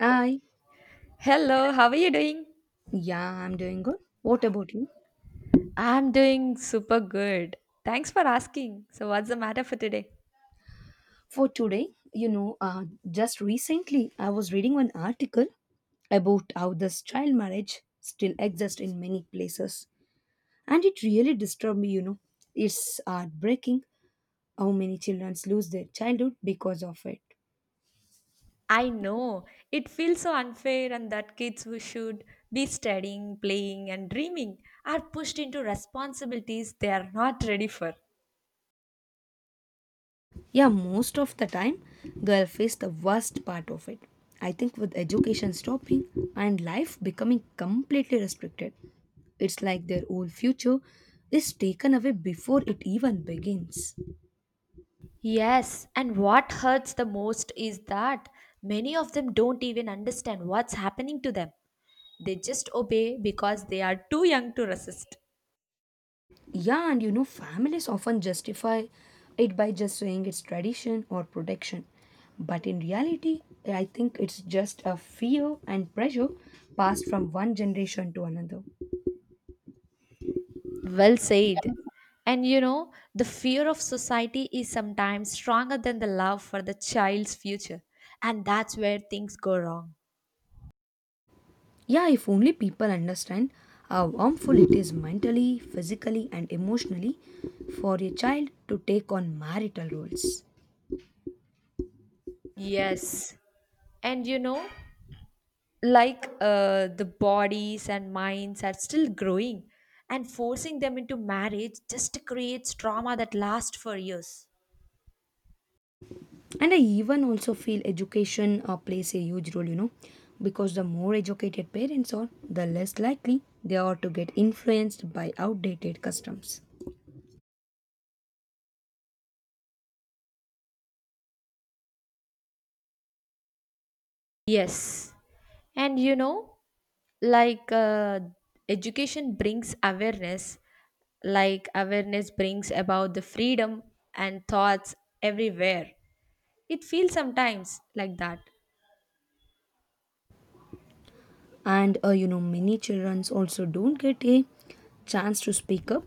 Hi. Hello, how are you doing? Yeah, I'm doing good. What about you? I'm doing super good. Thanks for asking. So, what's the matter for today? For today, just recently I was reading one article about how this child marriage still exists in many places, and it really disturbed me. You know, it's heartbreaking how many children lose their childhood because of it. I know it feels so unfair, and that kids who should be studying, playing, and dreaming are pushed into responsibilities they are not ready for. Yeah, most of the time, girl face the worst part of it. I think with education stopping and life becoming completely restricted, it's like their whole future is taken away before it even begins. Yes, and what hurts the most is that many of them don't even understand what's happening to them. They just obey because they are too young to resist. Yeah, and you know, families often justify it by just saying it's tradition or protection. But in reality, I think it's just a fear and pressure passed from one generation to another. Well said. And you know, the fear of society is sometimes stronger than the love for the child's future. And that's where things go wrong. Yeah, if only people understand how harmful it is mentally, physically, and emotionally for a child to take on marital roles. Yes. And you know, the bodies and minds are still growing, and forcing them into marriage just creates trauma that lasts for years. And I even also feel education plays a huge role, you know, because the more educated parents are, the less likely they are to get influenced by outdated customs. Yes. And you know, like uh, education brings awareness, like awareness brings about the freedom and thoughts everywhere. It feels sometimes like that. And you know, many children also don't get a chance to speak up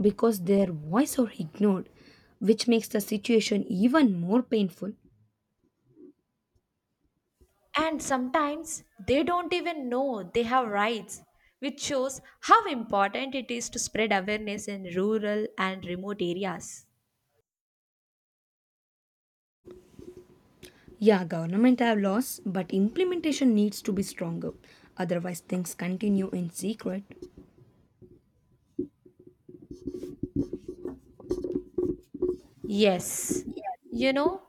because their voice are ignored, which makes the situation even more painful. And sometimes they don't even know they have rights, which shows how important it is to spread awareness in rural and remote areas. Yeah, government have laws, but implementation needs to be stronger. Otherwise, things continue in secret. Yes, you know,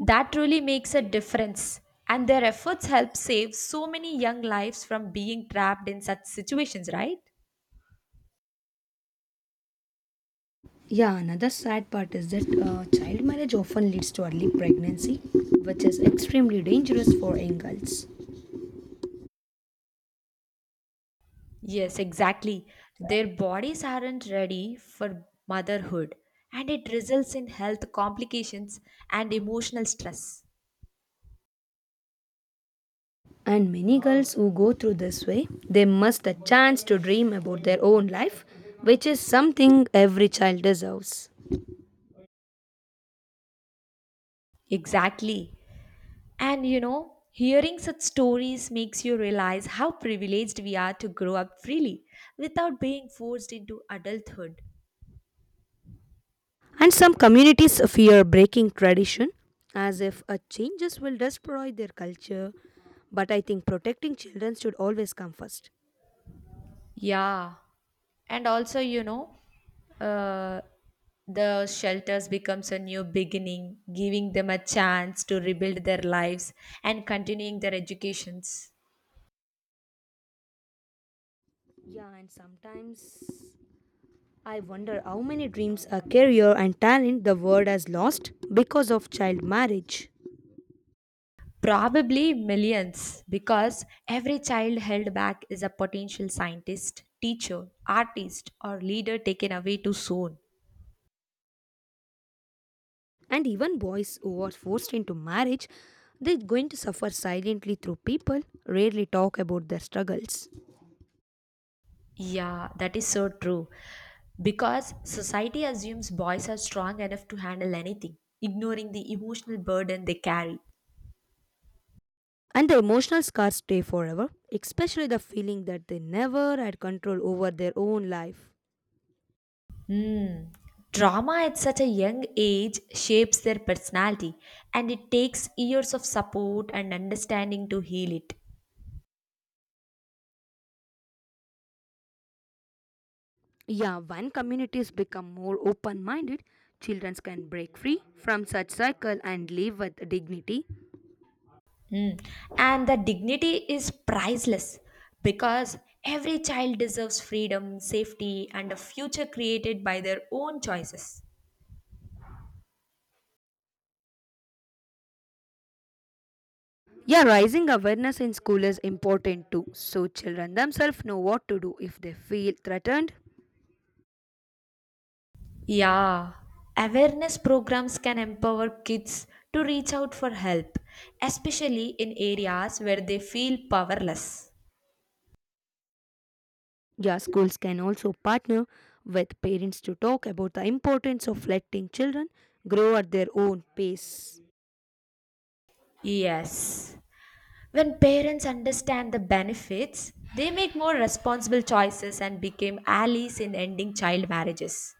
that really makes a difference. And their efforts help save so many young lives from being trapped in such situations, right? Yeah, another sad part is that child marriage often leads to early pregnancy, which is extremely dangerous for young girls. Yes, exactly. Their bodies aren't ready for motherhood, and it results in health complications and emotional stress. And many girls who go through this way, they must a chance to dream about their own life, which is something every child deserves. Exactly. And you know, hearing such stories makes you realize how privileged we are to grow up freely without being forced into adulthood. And some communities fear breaking tradition as if a changes will destroy their culture. But I think protecting children should always come first. Yeah. And also, you know, uh, the shelters becomes a new beginning, giving them a chance to rebuild their lives and continuing their educations. Yeah, and sometimes I wonder how many dreams, a career, and talent the world has lost because of child marriage. Probably millions, because every child held back is a potential scientist, teacher, artist, or leader taken away too soon. And even boys who are forced into marriage, they're going to suffer silently through people rarely talk about their struggles. Yeah, that is so true, because society assumes boys are strong enough to handle anything, ignoring the emotional burden they carry. And the emotional scars stay forever, especially the feeling that they never had control over their own life. Hmm. Drama at such a young age shapes their personality, and it takes years of support and understanding to heal it. Yeah, when communities become more open minded, children can break free from such cycle and live with dignity. Mm. And the dignity is priceless, because every child deserves freedom, safety, and a future created by their own choices. Yeah, raising awareness in school is important too, so children themselves know what to do if they feel threatened. Yeah, awareness programs can empower kids to reach out for help, especially in areas where they feel powerless. Yeah, schools can also partner with parents to talk about the importance of letting children grow at their own pace. Yes. When parents understand the benefits, they make more responsible choices and become allies in ending child marriages.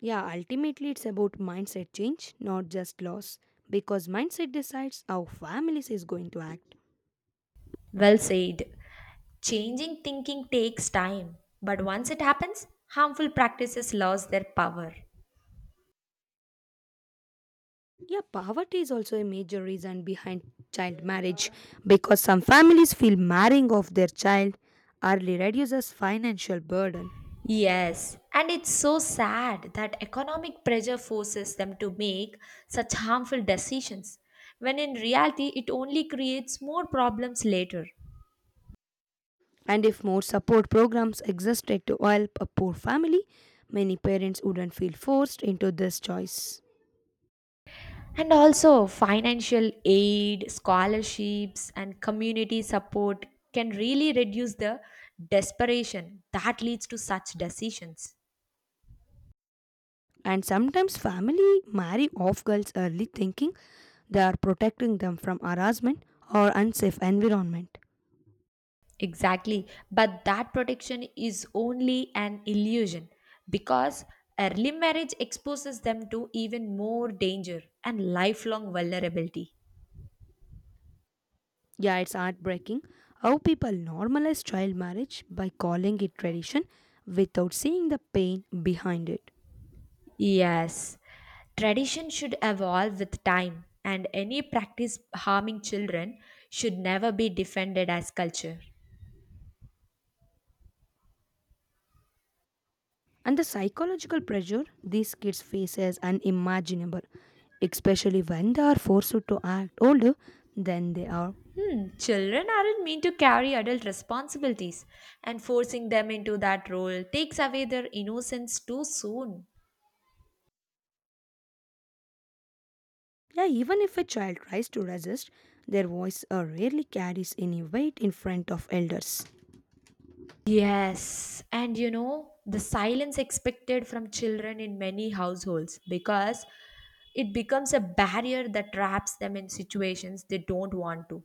Yeah, ultimately it's about mindset change, not just loss, because mindset decides how families is going to act. Well said. Changing thinking takes time, but once it happens, harmful practices lose their power. Yeah, poverty is also a major reason behind child marriage because some families feel marrying off their child early reduces financial burden. Yes, and it's so sad that economic pressure forces them to make such harmful decisions, when in reality, it only creates more problems later. And if more support programs existed to help a poor family, many parents wouldn't feel forced into this choice. And also, financial aid, scholarships, and community support can really reduce the desperation that leads to such decisions. And sometimes family marry off girls early thinking they are protecting them from harassment or unsafe environment. Exactly. But that protection is only an illusion, because early marriage exposes them to even more danger and lifelong vulnerability. Yeah, it's heartbreaking how people normalize child marriage by calling it tradition without seeing the pain behind it. Yes. Tradition should evolve with time, and any practice harming children should never be defended as culture. And the psychological pressure these kids face is unimaginable, especially when they are forced to act older than they are. Hmm, children aren't meant to carry adult responsibilities, and forcing them into that role takes away their innocence too soon. Yeah, even if a child tries to resist, their voice rarely carries any weight in front of elders. Yes, and you know, the silence expected from children in many households, because it becomes a barrier that traps them in situations they don't want to.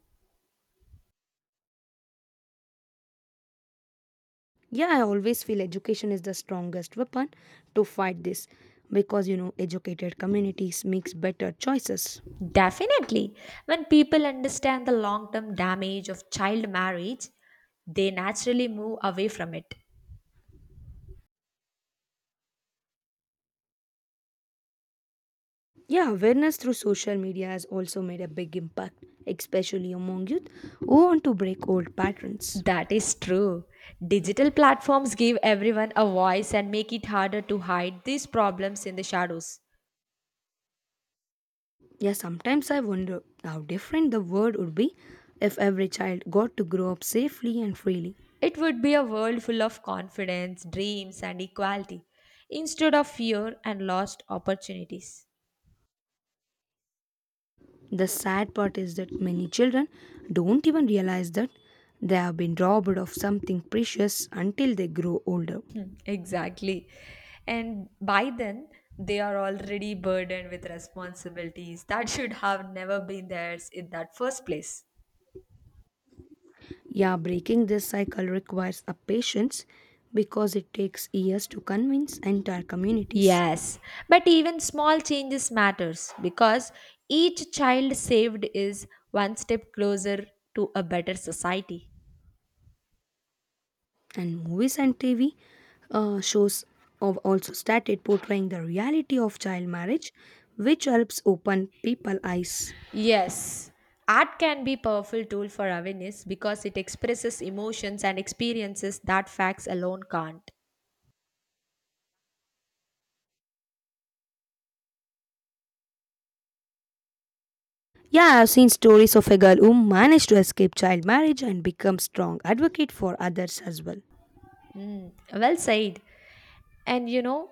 Yeah, I always feel education is the strongest weapon to fight this because you know educated communities makes better choices. Definitely, when people understand the long term damage of child marriage, they naturally move away from it. Yeah, awareness through social media has also made a big impact, especially among youth who want to break old patterns. That is true. Digital platforms give everyone a voice and make it harder to hide these problems in the shadows. Yeah, sometimes I wonder how different the world would be if every child got to grow up safely and freely. It would be a world full of confidence, dreams, and equality instead of fear and lost opportunities. The sad part is that many children don't even realize that they have been robbed of something precious until they grow older. Hmm, exactly. And by then, they are already burdened with responsibilities that should have never been theirs in that first place. Yeah, breaking this cycle requires a patience because it takes years to convince entire communities. Yes, but even small changes matters, because each child saved is one step closer to a better society. And movies and TV shows have also started portraying the reality of child marriage, which helps open people's eyes. Yes, art can be powerful tool for awareness, because it expresses emotions and experiences that facts alone can't. Yeah, I've seen stories of a girl who managed to escape child marriage and become strong advocate for others as well. Mm, well said. And you know,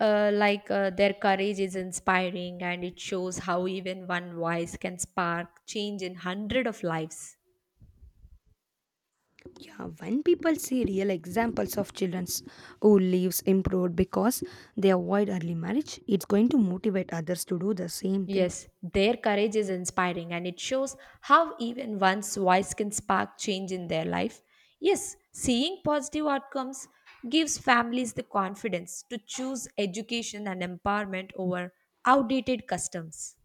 their courage is inspiring and it shows how even one voice can spark change in hundred of lives. Yeah, when people see real examples of children who lives improved because they avoid early marriage, it's going to motivate others to do the same thing. Yes, their courage is inspiring and it shows how even one's voice can spark change in their life. Yes, seeing positive outcomes gives families the confidence to choose education and empowerment over outdated customs.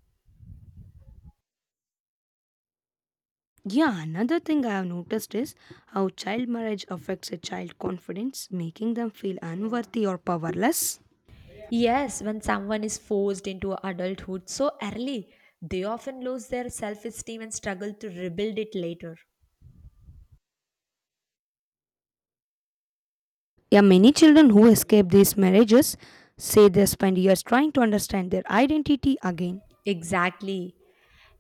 Yeah, another thing I have noticed is how child marriage affects a child confidence, making them feel unworthy or powerless. Yes, when someone is forced into adulthood so early, they often lose their self esteem and struggle to rebuild it later. Yeah, many children who escape these marriages say they spend years trying to understand their identity again. Exactly.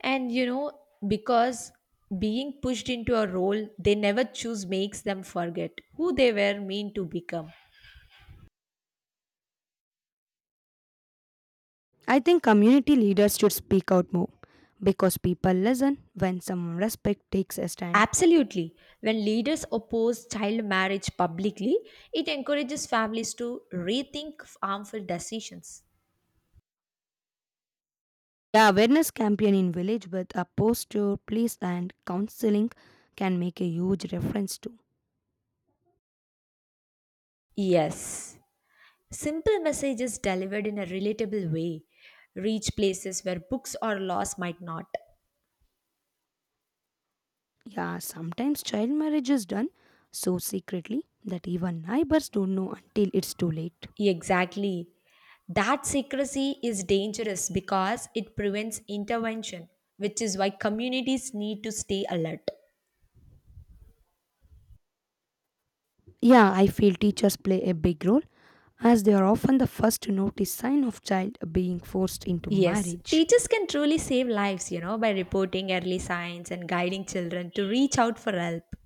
And you know, because being pushed into a role they never choose makes them forget who they were meant to become. I think community leaders should speak out more because people listen when someone respect takes a stand. Absolutely. When leaders oppose child marriage publicly, it encourages families to rethink harmful decisions. The awareness campaign in village with a poster, place and counseling can make a huge difference too. Yes. Simple messages delivered in a relatable way reach places where books or laws might not. Yeah, sometimes child marriage is done so secretly that even neighbors don't know until it's too late. Exactly. That secrecy is dangerous, because it prevents intervention, which is why communities need to stay alert. Yeah, I feel teachers play a big role as they are often the first to notice sign of child being forced into Yes, marriage. teachers can truly save lives, you know, by reporting early signs and guiding children to reach out for help.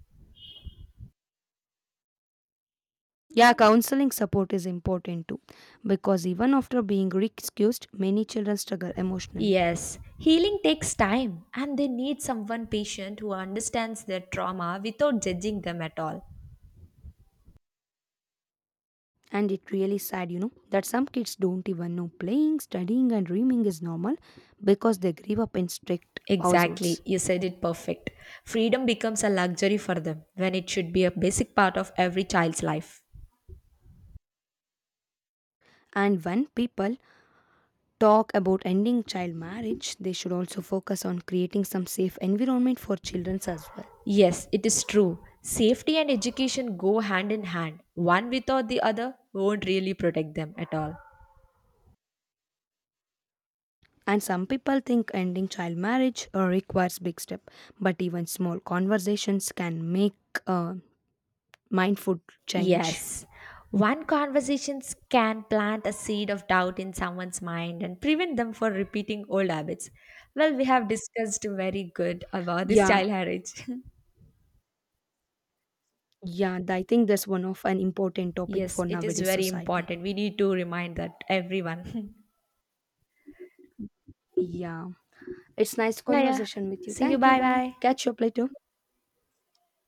Yeah, counseling support is important too because even after being recused, many children struggle emotionally. Yes, healing takes time and they need someone patient who understands their trauma without judging them at all. And it really sad you know that some kids don't even know playing studying and dreaming is normal because they grew up in strict Exactly, households. you said it perfect. Freedom becomes a luxury for them when it should be a basic part of every child's life. And when people talk about ending child marriage they should also focus on creating some safe environment for children as well. Yes, it is true. Safety and education go hand in hand. One without the other won't really protect them at all. And some people think ending child marriage requires big step, but even small conversations can make mindful change. Yes. One conversation can plant a seed of doubt in someone's mind and prevent them from repeating old habits. Well, we have discussed very good about this yeah child marriage. yeah I think that's one of an important topic for Yes, it is nowadays very society. important. We need to remind that everyone. Yeah, it's nice Yeah, yeah. conversation with you. See you. Thank you. Bye Bye. bye. Catch you up later.